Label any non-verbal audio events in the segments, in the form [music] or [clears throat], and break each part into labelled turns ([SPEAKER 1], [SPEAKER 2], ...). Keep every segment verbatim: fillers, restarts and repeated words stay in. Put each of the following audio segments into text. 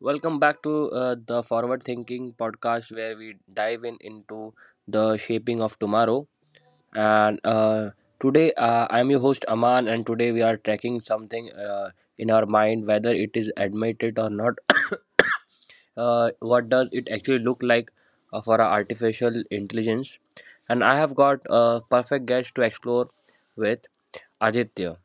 [SPEAKER 1] Welcome back to uh, the Forward Thinking podcast where we dive in into the shaping of tomorrow. And uh, today uh, I'm your host Aman, and today we are tracking something uh, in our mind, whether it is admitted or not. [coughs] uh, what does it actually look like uh, for our artificial intelligence? And I have got a perfect guest to explore with Aditya.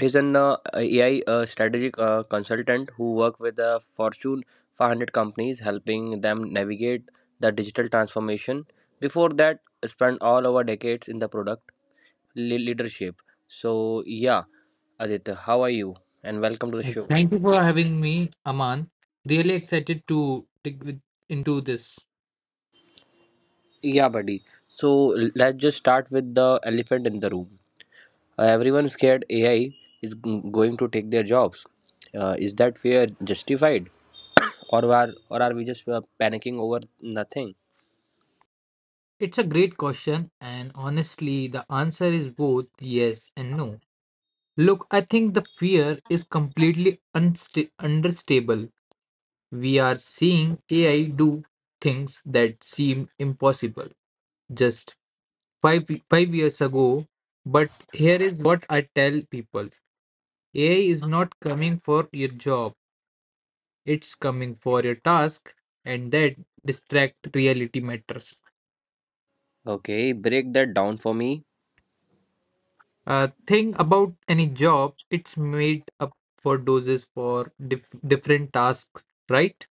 [SPEAKER 1] He's an uh, A I uh, strategic uh, consultant who work with uh, Fortune five hundred companies, helping them navigate the digital transformation. Before that, spent all our decades in the product le- leadership. So yeah, Aditya, how are you? And welcome to the
[SPEAKER 2] Uh,
[SPEAKER 1] show.
[SPEAKER 2] Thank you for having me, Aman. Really excited to dig with, into this.
[SPEAKER 1] Yeah, buddy. So l- let's just start with the elephant in the room. Uh, everyone's scared A I is g- going to take their jobs. Uh, is that fear justified? Or are or are we just uh, panicking over nothing?
[SPEAKER 2] It's a great question, and honestly, the answer is both yes and no. Look, I think the fear is completely unsta- understable. We are seeing A I do things that seem impossible just five five years ago. But here is what I tell people: A I is not coming for your job. It's coming for your task, and that distract reality matters.
[SPEAKER 1] Okay, break that down for me.
[SPEAKER 2] Uh, thing about any job, it's made up for doses for dif- different tasks, right?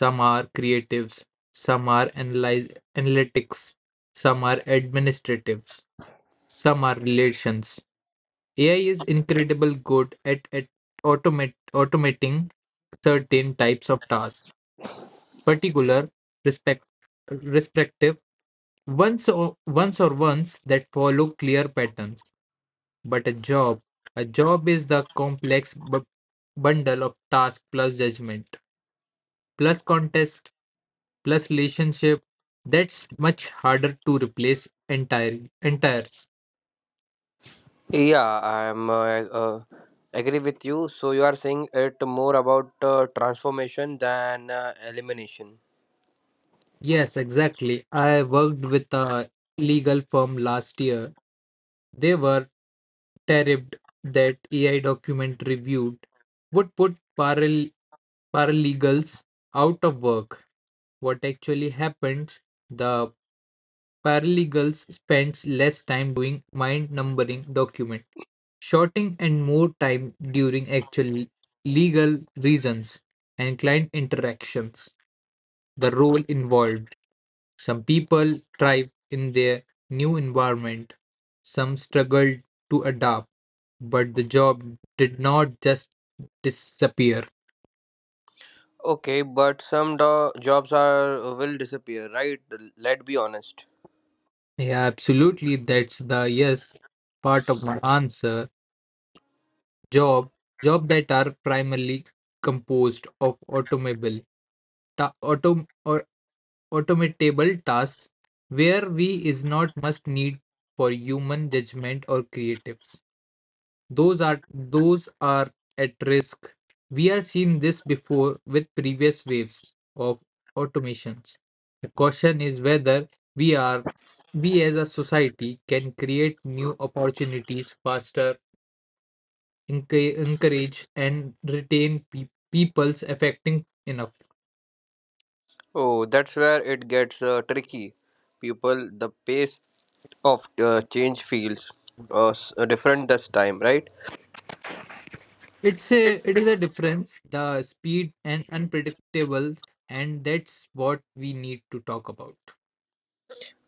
[SPEAKER 2] Some are creatives, some are analyze analytics, some are administratives, some are relations. AI is incredible good at, at automate automating certain types of tasks, particular respect, respective ones or ones or ones that follow clear patterns. But a job, a job is the complex bu- bundle of task plus judgment plus contest plus relationship. That's much harder to replace entire entires.
[SPEAKER 1] Yeah, I'm uh, uh, agree with you. So you are saying it more about uh, transformation than uh, elimination.
[SPEAKER 2] Yes, exactly. I worked with a legal firm last year. They were terrified that A I document reviewed would put paral- paralegals out of work. What actually happens, the paralegals spends less time doing mind numbering document, shorting, and more time during actual legal reasons and client interactions. The role involved. Some people thrive in their new environment, some struggled to adapt, but the job did not just disappear.
[SPEAKER 1] Okay, but some do- jobs are uh, will disappear, right? Let's be honest.
[SPEAKER 2] Yeah, absolutely. That's the yes part of my answer. Job, job that are primarily composed of automobile, ta- autom or automatable tasks where we is not must need for human judgment or creatives, those are those are at risk. We are seeing this before with previous waves of automations. The question is whether we are we as a society can create new opportunities faster, enc- encourage and retain pe- people's affecting enough.
[SPEAKER 1] Oh, that's where it gets uh, tricky. People, the pace of uh, change feels uh, s- different this time, right?
[SPEAKER 2] It's a it is a difference, the speed and unpredictable, and that's what we need to talk about.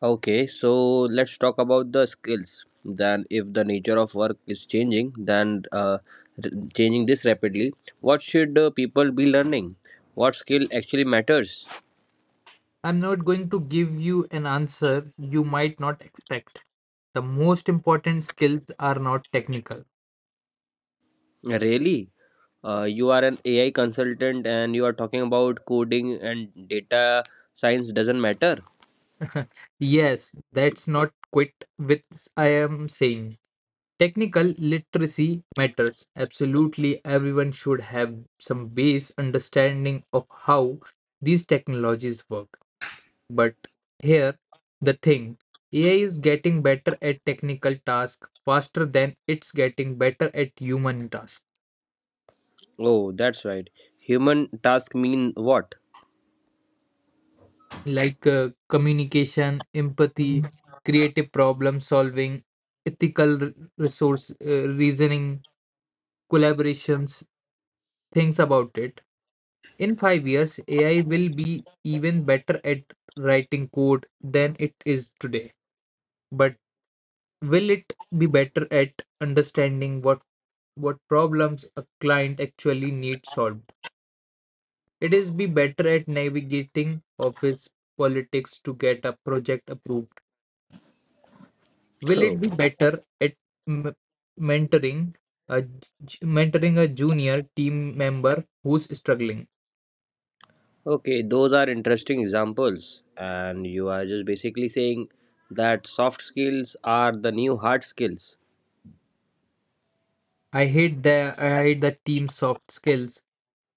[SPEAKER 1] Okay, so let's talk about the skills. Then, if the nature of work is changing, then uh, r- changing this rapidly, what should uh, people be learning? What skill actually matters?
[SPEAKER 2] I'm not going to give you an answer you might not expect. The most important skills are not technical.
[SPEAKER 1] Really, uh, you are an A I consultant and you are talking about coding and data science doesn't matter.
[SPEAKER 2] [laughs] Yes, that's not quite what I am saying. Technical literacy matters. Absolutely, everyone should have some base understanding of how these technologies work. But here, the thing A I is getting better at technical tasks faster than it's getting better at human tasks
[SPEAKER 1] Oh, that's right. Human task mean what?
[SPEAKER 2] like uh, communication, empathy, creative problem solving, ethical r- resource uh, reasoning, collaborations, things about it. In five years, A I will be even better at writing code than it is today. But will it be better at understanding what what problems a client actually needs solved? It is be better at navigating office politics to get a project approved? Will it be
[SPEAKER 1] [laughs]
[SPEAKER 2] better at m- mentoring a j- mentoring a junior team member who's struggling?
[SPEAKER 1] Okay, those are interesting examples. And you are just basically saying that soft skills are the new hard skills.
[SPEAKER 2] I hate the I hate the team soft skills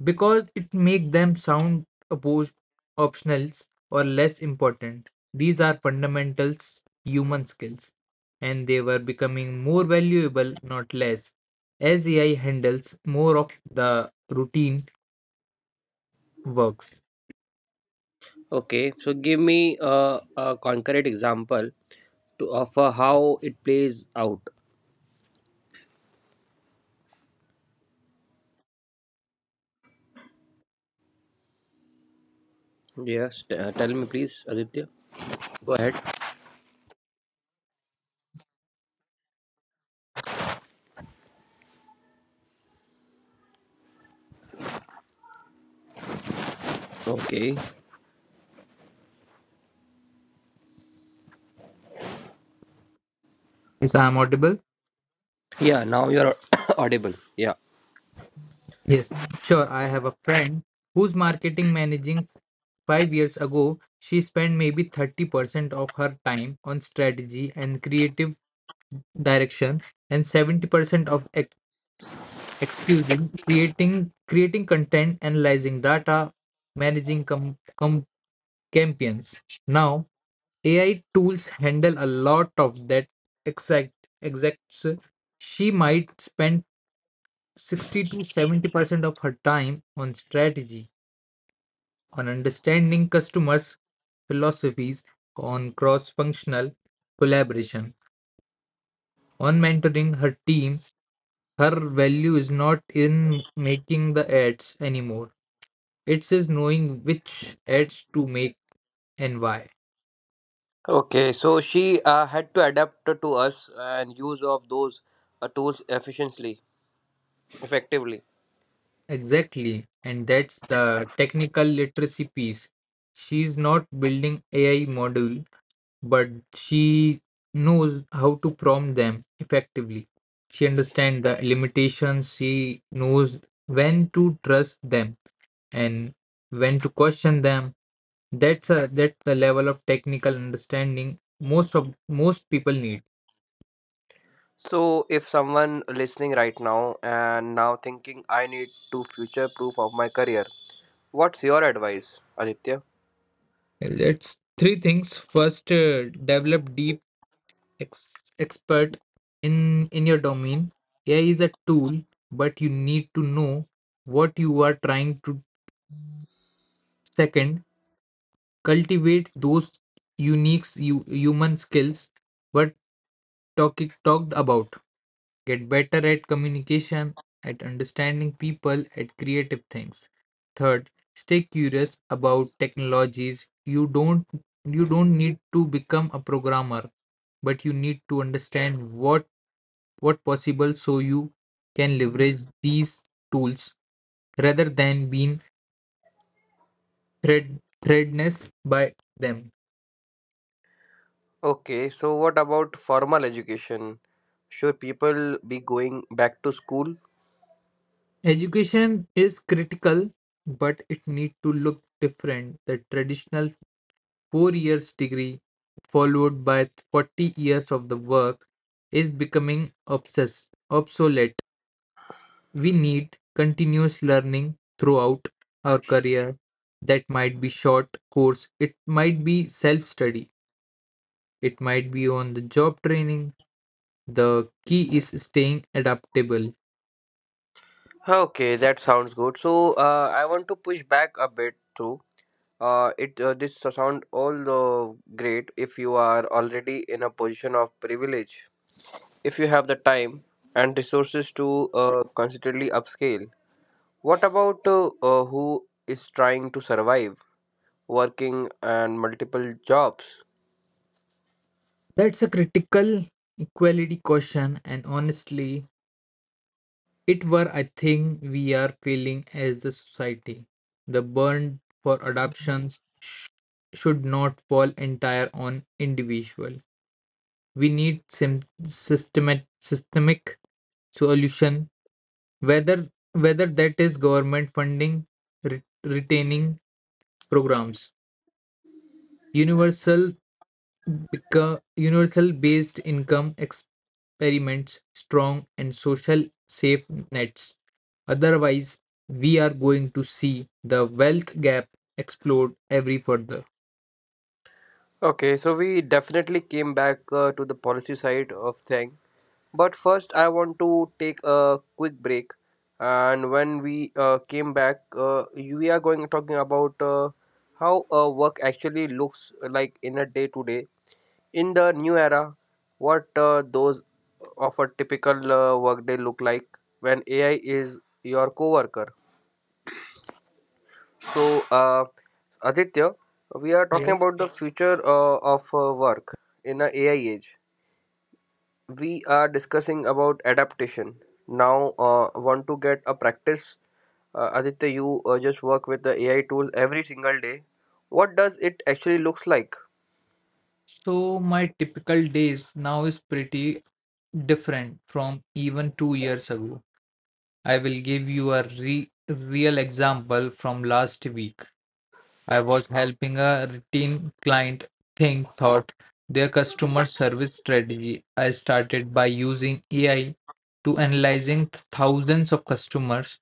[SPEAKER 2] because it make them sound opposed optionals or less important. These are fundamentals human skills, and they were becoming more valuable, not less, as A I handles more of the routine works.
[SPEAKER 1] Okay, so give me a, a concrete example to offer how it plays out. Yes, t- uh, tell me please, Aditya. Go ahead. Okay.
[SPEAKER 2] Yes, I'm audible.
[SPEAKER 1] Yeah, now you're [coughs] audible. Yeah.
[SPEAKER 2] Yes, sure. I have a friend who's marketing managing five years ago. She spent maybe thirty percent of her time on strategy and creative direction, and seventy percent of ex- excusing, creating creating content, analyzing data, managing com- com- campaigns. Now, A I tools handle a lot of that exact exacts. She might spend sixty to seventy percent of her time on strategy, on understanding customers' philosophies, on cross functional collaboration, on mentoring her team. Her value is not in making the ads anymore, it is knowing which ads to make and why.
[SPEAKER 1] Okay, so she uh, had to adapt to us and use of those uh, tools efficiently, effectively.
[SPEAKER 2] Exactly. And that's the technical literacy piece. She's not building A I module, but she knows how to prompt them effectively. She understands the limitations, she knows when to trust them and when to question them. That's a that's the level of technical understanding most of most people need.
[SPEAKER 1] So, if someone listening right now and now thinking I need to future proof of my career, what's your advice, Aditya?
[SPEAKER 2] That's three things. First, uh, develop deep ex- expert in in your domain. A I is a tool, but you need to know what you are trying to. Second, cultivate those unique hu- human skills but talk, talked about, get better at communication, at understanding people, at creative things. Third, stay curious about technologies. You don't you don't need to become a programmer, but you need to understand what what possible so you can leverage these tools rather than being thread threadness by them.
[SPEAKER 1] Okay, so what about formal education? Should people be going back to school?
[SPEAKER 2] Education is critical, but it need to look different. The traditional four years degree followed by forty years of the work is becoming obsessed, obsolete. We need continuous learning throughout our career. That might be short course, it might be self-study, it might be on the job training. The key is staying adaptable.
[SPEAKER 1] Okay, that sounds good. So, uh, I want to push back a bit too. Uh, it uh, this so sound all uh, great if you are already in a position of privilege, if you have the time and resources to uh, considerably upscale. What about uh, uh, who is trying to survive, working and multiple jobs?
[SPEAKER 2] That's a critical equality question, and honestly, it were I think we are failing as the society. The burden for adoptions sh- should not fall entire on individual. We need sim- systemic systemic solution whether whether that is government funding re- retaining programs. Yeah. Universal Beca- universal based income experiments, strong and social safe nets. Otherwise, we are going to see the wealth gap explode every further.
[SPEAKER 1] Okay, so we definitely came back uh, to the policy side of thing. But first, I want to take a quick break. And when we uh, came back, uh, we are going talking about uh, how uh, work actually looks like in a day to day in the new era. What uh, those of a typical uh, workday look like when A I is your coworker. So, uh, Aditya, we are talking
[SPEAKER 2] Yes.
[SPEAKER 1] about the future uh, of uh, work in a AI age. We are discussing about adaptation. Now, uh, want to get a practice. Uh, Aditya, you uh, just work with the A I tool every single day. What does it actually looks like?
[SPEAKER 2] So my typical days now is pretty different from even two years ago. I will give you a re- real example from last week. I was helping a routine client think thought their customer service strategy. I started by using A I to analyzing th- thousands of customers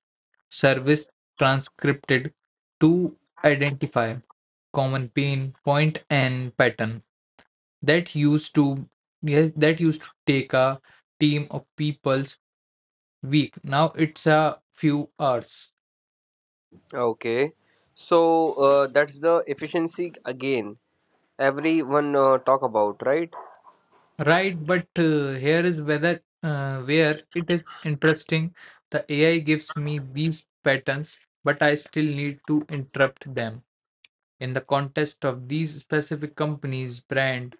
[SPEAKER 2] service transcripted to identify common pain point and pattern that used to, yes that used to take a team of people's week, now it's a few hours.
[SPEAKER 1] Okay, so uh, that's the efficiency again. Everyone uh, talk about right.
[SPEAKER 2] Right, but uh, here is whether uh, where it is interesting. The A I gives me these patterns, but I still need to interrupt them. In the context of these specific companies, brand,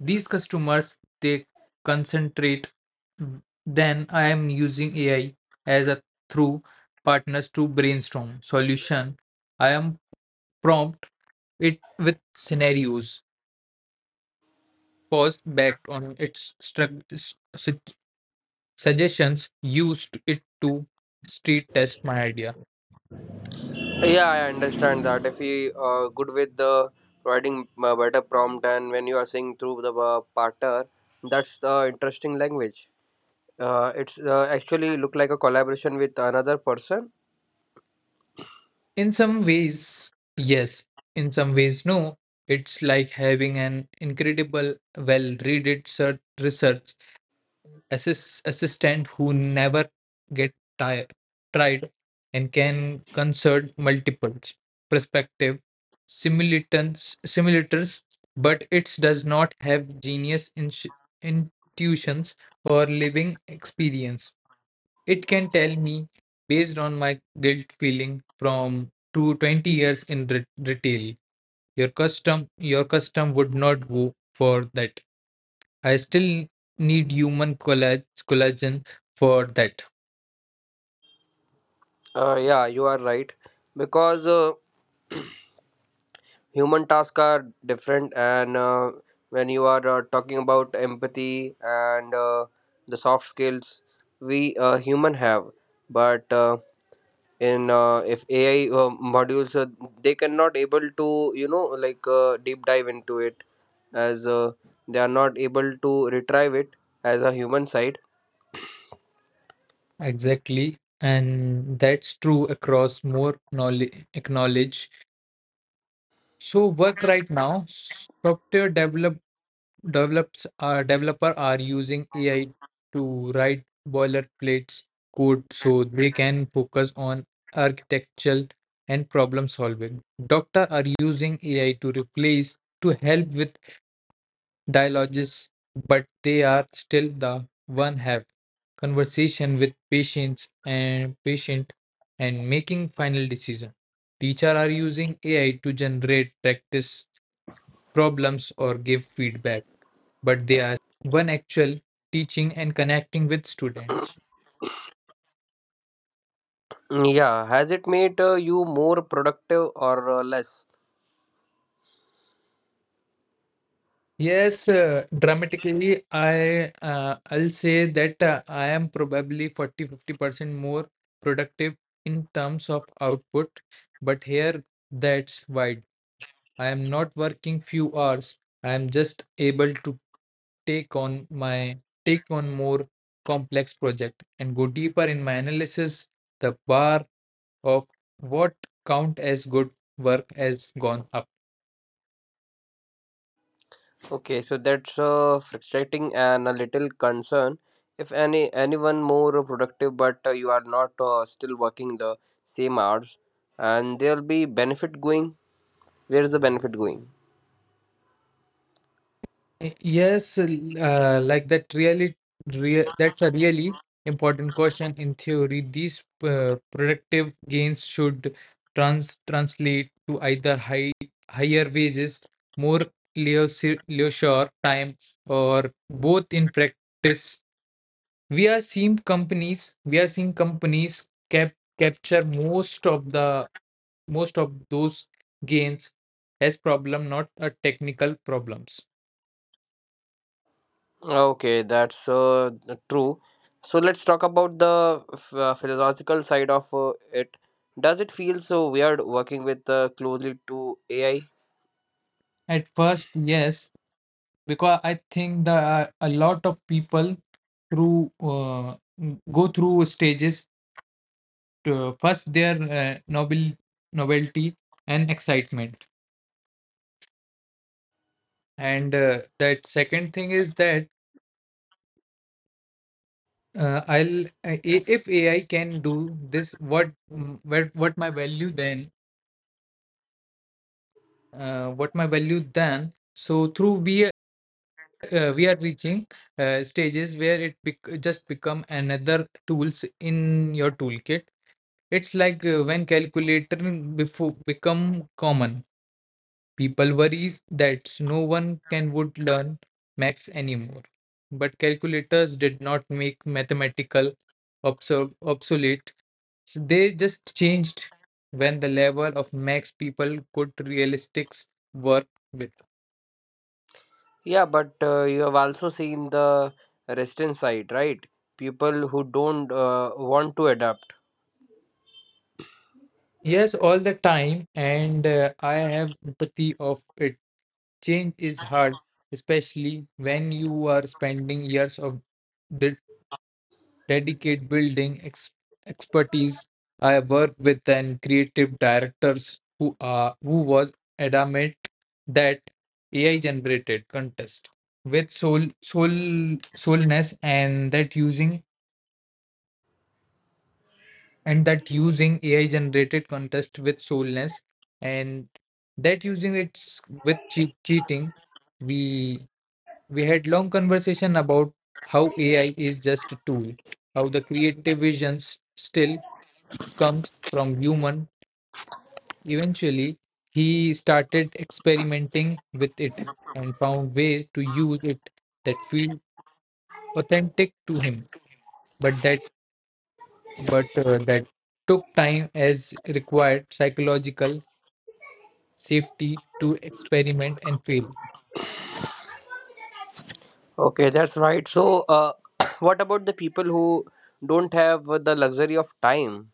[SPEAKER 2] these customers, they concentrate. Then I am using A I as a through partners to brainstorm solution. I am prompt it with scenarios, pause backed on its structure suggestions, used it to street test my idea.
[SPEAKER 1] Yeah, I understand that. If you uh, good with the providing uh, better prompt and when you are seeing through the uh, partner, that's the interesting language. Uh, it's uh, actually look like a collaboration with another person.
[SPEAKER 2] In some ways, yes. In some ways, no. It's like having an incredible, well read research assist, assistant who never get tired, tried and can concert multiples perspective simulators, simulators, but it does not have genius intu- intuitions or living experience. It can tell me based on my guilt feeling from to twenty years in re- retail, your custom your custom would not go for that. I still need human collage, collagen for that.
[SPEAKER 1] Uh, yeah, you are right because uh, human tasks are different, and uh, when you are uh, talking about empathy and uh, the soft skills we uh, human have, but uh, in uh, if A I uh, modules uh, they cannot able to you know like uh, deep dive into it as uh, they are not able to retrieve it as a human side.
[SPEAKER 2] Exactly. And that's true across more knowledge, acknowledge. So work right now, software develop, develops are developer are using A I to write boilerplate code so they can focus on architectural and problem solving. Doctor are using A I to replace to help with dialogues, but they are still the one have conversation with patients and patient and making final decision. Teacher are using A I to generate practice problems or give feedback, but they are still the one actual teaching and connecting with students.
[SPEAKER 1] Mm, yeah, has it made uh, you more productive or uh, less?
[SPEAKER 2] Yes, uh, dramatically, I uh, I'll say that uh, I am probably forty-fifty percent more productive in terms of output, but here that's wide. I am not working few hours. I am just able to take on my take on more complex project and go deeper in my analysis. The bar of what count as good work has gone up.
[SPEAKER 1] Okay, so that's uh, frustrating and a little concern. If any anyone more productive, but uh, you are not uh, still working the same hours, and there'll be benefit going. Where's the benefit going?
[SPEAKER 2] Yes, uh, like that really, rea that's a really important question in theory. These uh, productive gains should trans translate to either high higher wages, more leisure leisure time, or both. In practice, We are seeing companies, we are seeing companies cap capture most of the most of those gains as problem, not a technical problems.
[SPEAKER 1] Okay, that's uh, true. So let's talk about the f- uh, philosophical side of uh, it. Does it feel so weird working with uh, closely to A I?
[SPEAKER 2] At first, yes, because I think that a lot of people through uh, go through stages to first their uh, novel novelty and excitement, and uh, that second thing is that uh, I'll I- i- if A I can do this, what mm, where what my value then uh, what my value then. So through we uh, we are reaching uh, stages where it bec- just become another tools in your toolkit. It's like uh, when calculator before become common, people worry that no one can would learn maths anymore. But calculators did not make mathematical obso- obsolete. So they just changed when the level of max people could realistics work with.
[SPEAKER 1] Yeah, but uh, you have also seen the resistance side, right? People who don't uh, want to adapt.
[SPEAKER 2] Yes, all the time, and uh, I have empathy of it. Change is hard, especially when you are spending years of di dedicate building ex- expertise. I worked with an creative directors who are who was adamant that A I generated contest with soul soul soulness and that using and that using A I generated contest with soulness and that using it's with che- cheating. We we had long conversation about how A I is just a tool, how the creative visions still comes from human. Eventually, he started experimenting with it and found way to use it that feel authentic to him, but that but uh, that took time as required psychological safety to experiment and fail.
[SPEAKER 1] Okay, that's right. So, uh, [coughs] [clears throat] what about the people who don't have the luxury of time?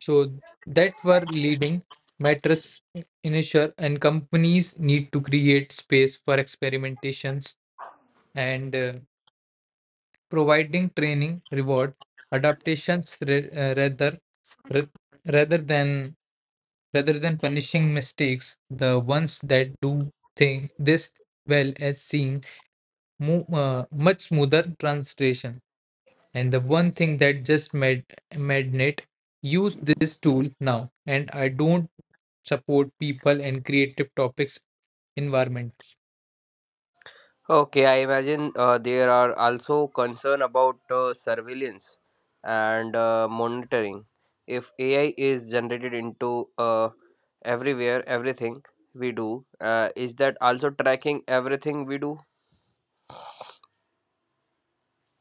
[SPEAKER 2] So that were leading matters initial and companies need to create space for experimentations and uh, providing training reward adaptations re- uh, rather ra- rather than rather than punishing mistakes. The ones that do thing this well as seeing mo- uh, much smoother translation and the one thing that just made madnet use this tool now and I don't support people and creative topics environment.
[SPEAKER 1] Okay, I imagine uh, there are also concern about uh, surveillance and uh, monitoring. If A I is generated into uh, everywhere, everything we do, uh, is that also tracking everything we do?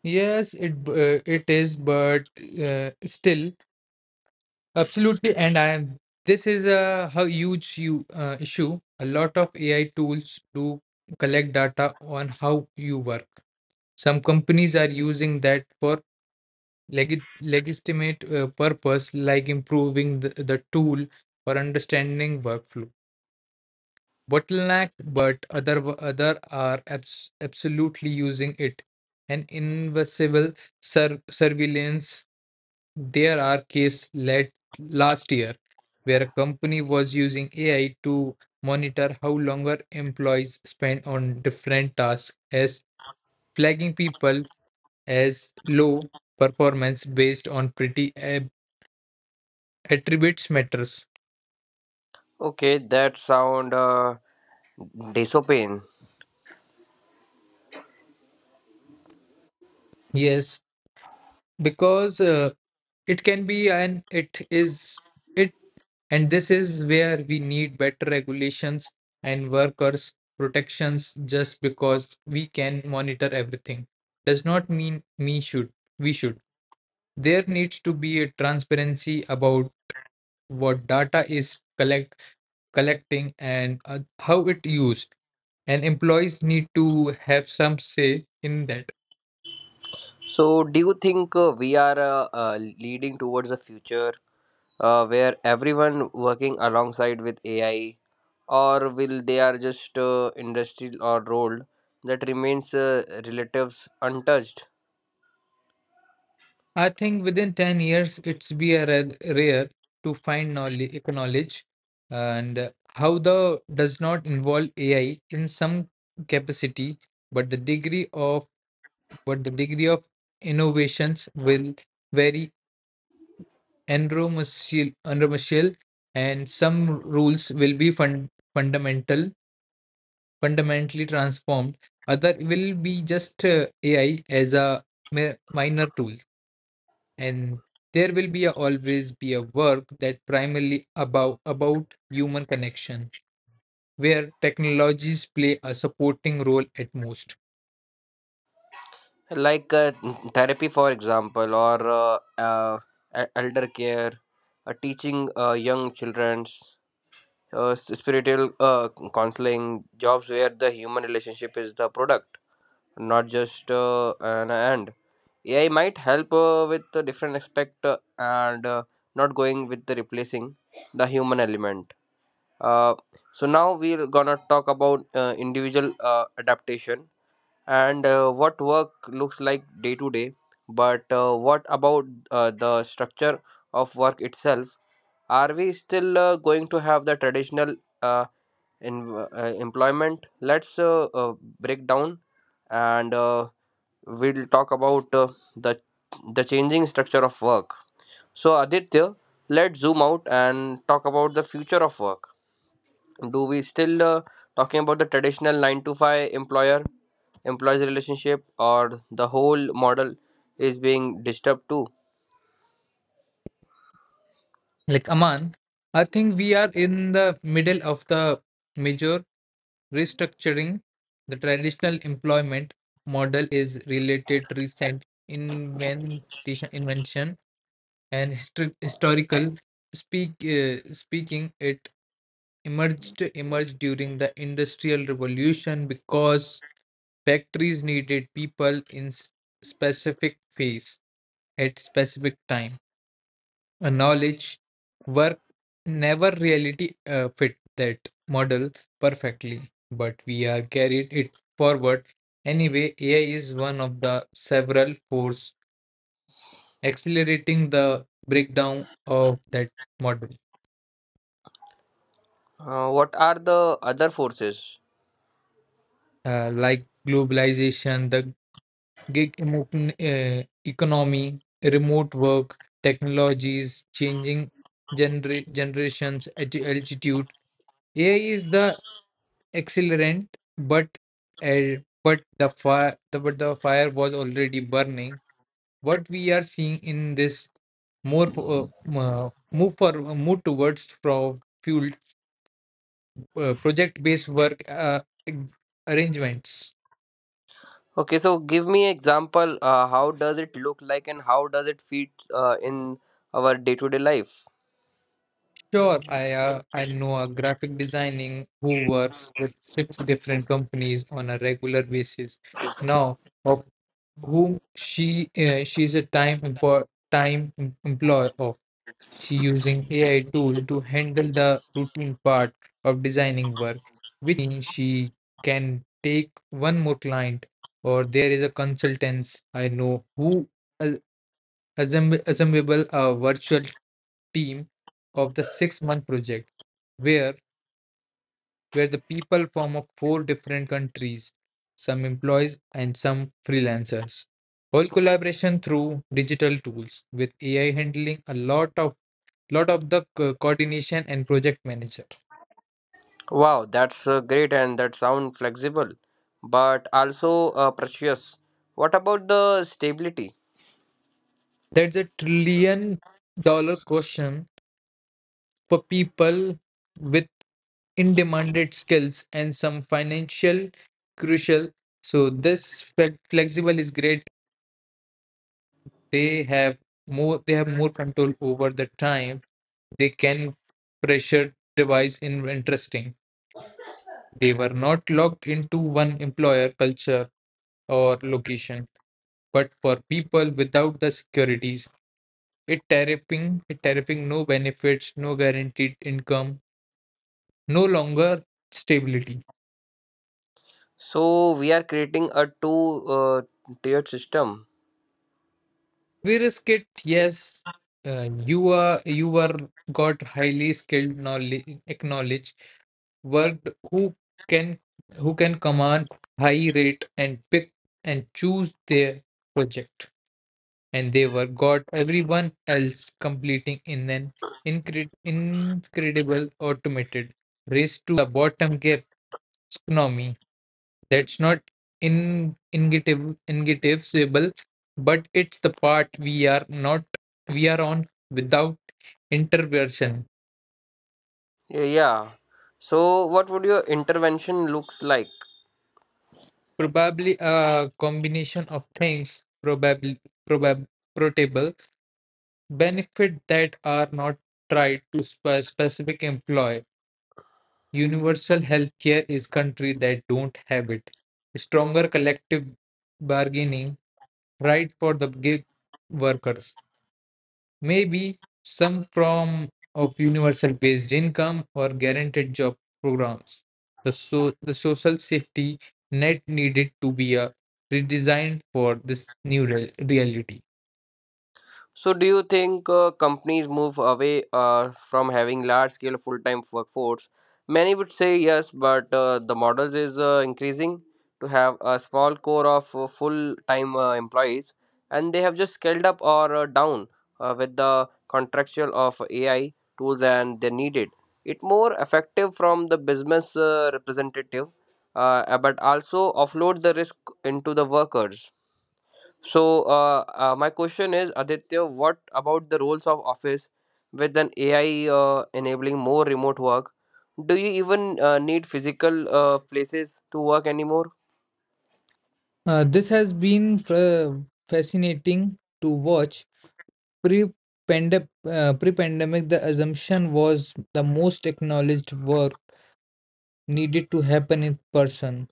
[SPEAKER 2] Yes, it b- uh, it is but uh, still. Absolutely, and I this is a, hu- huge you, uh, issue. A lot of A I tools do collect data on how you work. Some companies are using that for legit, legitimate uh, purpose, like improving the, the tool or understanding workflow. Bottleneck, but other other are abs absolutely using it. An invisible sur surveillance. There are cases late last year where a company was using A I to monitor how longer employees spend on different tasks as flagging people as low performance based on pretty ab- attributes matters.
[SPEAKER 1] Okay, that sound uh, dystopian.
[SPEAKER 2] Yes, because uh, it can be and it is it and this is where we need better regulations and workers protections. Just because we can monitor everything does not mean me should we should. There needs to be a transparency about what data is collect collecting and uh, how it used, and employees need to have some say in that.
[SPEAKER 1] So, do you think uh, we are uh, uh, leading towards a future uh, where everyone working alongside with A I or will they are just uh, industrial or rolled that remains uh, relatives untouched
[SPEAKER 2] I think within ten years, it's be a rare, rare to find knowledge, acknowledge and uh, how the does not involve A I in some capacity, but the degree of but the degree of innovations will vary enormously, enormously, and some rules will be fun, fundamental, fundamentally transformed. Other will be just uh, A I as a mi- minor tool. And there will be a, always be a work that primarily about about human connection where technologies play a supporting role at most.
[SPEAKER 1] like uh, therapy for example or uh, uh, e- elder care uh, teaching uh, young children's uh, s- spiritual uh, counseling jobs where the human relationship is the product not just uh, an end ai might help uh, with the different aspect uh, and uh, not going with the replacing the human element. Uh, so now we're gonna talk about uh, individual uh, adaptation and uh, what work looks like day to day. But uh, what about uh, the structure of work itself? Are we still uh, going to have the traditional uh, in, uh, employment? Let's uh, uh, break down and uh, we'll talk about uh, the the changing structure of work. So Aditya, let's zoom out and talk about the future of work. Do we still uh, talking about the traditional nine to five employer employees relationship or the whole model is being disturbed too?
[SPEAKER 2] Like Aman, I think we are in the middle of the major restructuring. The traditional employment model is related recent invention invention, and histor- historical speak uh, speaking it emerged emerged during the Industrial Revolution because factories needed people in s- specific phase at specific time. A knowledge work never reality uh, fit that model perfectly, but we are carried it forward anyway. AI is one of the several force accelerating the breakdown of that model,
[SPEAKER 1] Uh, what are the other forces?
[SPEAKER 2] uh, like globalization, the gig emo- uh, economy, remote work, technologies, changing genera- generations, at altitude. A I is the accelerant, but uh, but the fire the, but the fire was already burning. What we are seeing in this more fo- uh, m- uh, move for uh, move towards from fuel uh, project-based work uh, ag- arrangements.
[SPEAKER 1] Okay, so give me example uh, how does it look like and how does it fit uh, in our day to day life?
[SPEAKER 2] Sure, I uh, I know a graphic designing who works with six different companies on a regular basis. Now, of whom she uh, she is a time empo- time em- employee of. She using A I tool to handle the routine part of designing work, which means she can take one more client. Or there is a consultants I know who assemb- assemble a virtual team of the six month project where where the people from of four different countries, some employees and some freelancers, whole collaboration through digital tools with AI handling a lot of lot of the co- coordination and project manager.
[SPEAKER 1] Wow, that's uh, great and that sound flexible but also uh, precious. What about the stability?
[SPEAKER 2] That's a trillion dollar question for people with in demanded skills and some financial crucial. So this fle- flexible is great. They have more, they have more control over the time. They can pressure device in interesting. They were not locked into one employer culture or location. But for people without the securities, it tariffing, it tariffing no benefits, no guaranteed income, no longer stability.
[SPEAKER 1] So we are creating a two uh, tiered system.
[SPEAKER 2] We risk it, yes. Uh, you are, you were got highly skilled knowledge, acknowledge worked who can who can command high rate and pick and choose their project, and they were got everyone else completing in an incre incredible automated race to the bottom gap economy. That's not in ingetiv- ingetivable, but it's the part we are not, we are on without intervention.
[SPEAKER 1] Yeah. Yeah. So, what would your intervention looks like?
[SPEAKER 2] Probably a combination of things, probably probab portable benefit that are not tied to spe- specific employee. Universal healthcare is country that don't have it. Stronger collective bargaining right for the gig workers. Maybe some form of universal based income or guaranteed job programs. The, so- the social safety net needed to be uh, redesigned for this new real reality.
[SPEAKER 1] So, do you think uh, companies move away uh, from having large-scale full-time workforce? Many would say yes, but uh, the model is uh, increasing to have a small core of uh, full-time uh, employees, and they have just scaled up or uh, down uh, with the contractual of A I tools and they needed. It more effective from the business uh, representative, uh, but also offload the risk into the workers. So, uh, uh, my question is, Aditya, what about the roles of office with an A I uh, enabling more remote work? Do you even uh, need physical uh, places to work anymore?
[SPEAKER 2] Uh, this has been fr- fascinating to watch. Pre uh, Pre-pandemic, the assumption was the most acknowledged work needed to happen in person.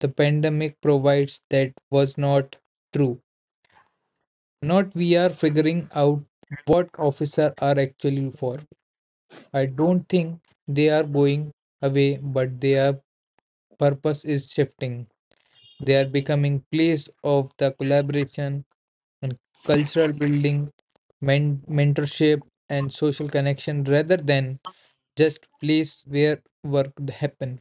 [SPEAKER 2] The pandemic provides that was not true. Not we are figuring out what officer are actually for. I don't think they are going away, but their purpose is shifting. They are becoming place of the collaboration and cultural building, men- mentorship and social connection rather than just place where work happen.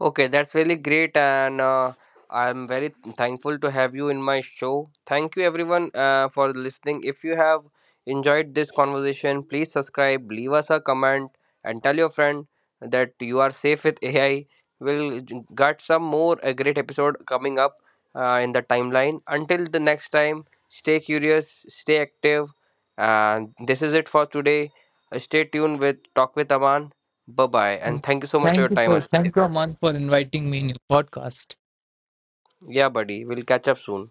[SPEAKER 1] Okay, that's really great, and uh, I'm very thankful to have you in my show. Thank you, everyone, uh, for listening. If you have enjoyed this conversation, please subscribe, leave us a comment, and tell your friend that you are safe with A I. We'll got some more a great episode coming up uh, in the timeline. Until the next time, stay curious, stay active, and this is it for today. Uh, Stay tuned with Talk with Aman. Bye bye, and thank you so much for your
[SPEAKER 2] Thank you
[SPEAKER 1] time.
[SPEAKER 2] for
[SPEAKER 1] Ajay.
[SPEAKER 2] thank you Aman for inviting me in your podcast.
[SPEAKER 1] Yeah, buddy. We'll catch up soon.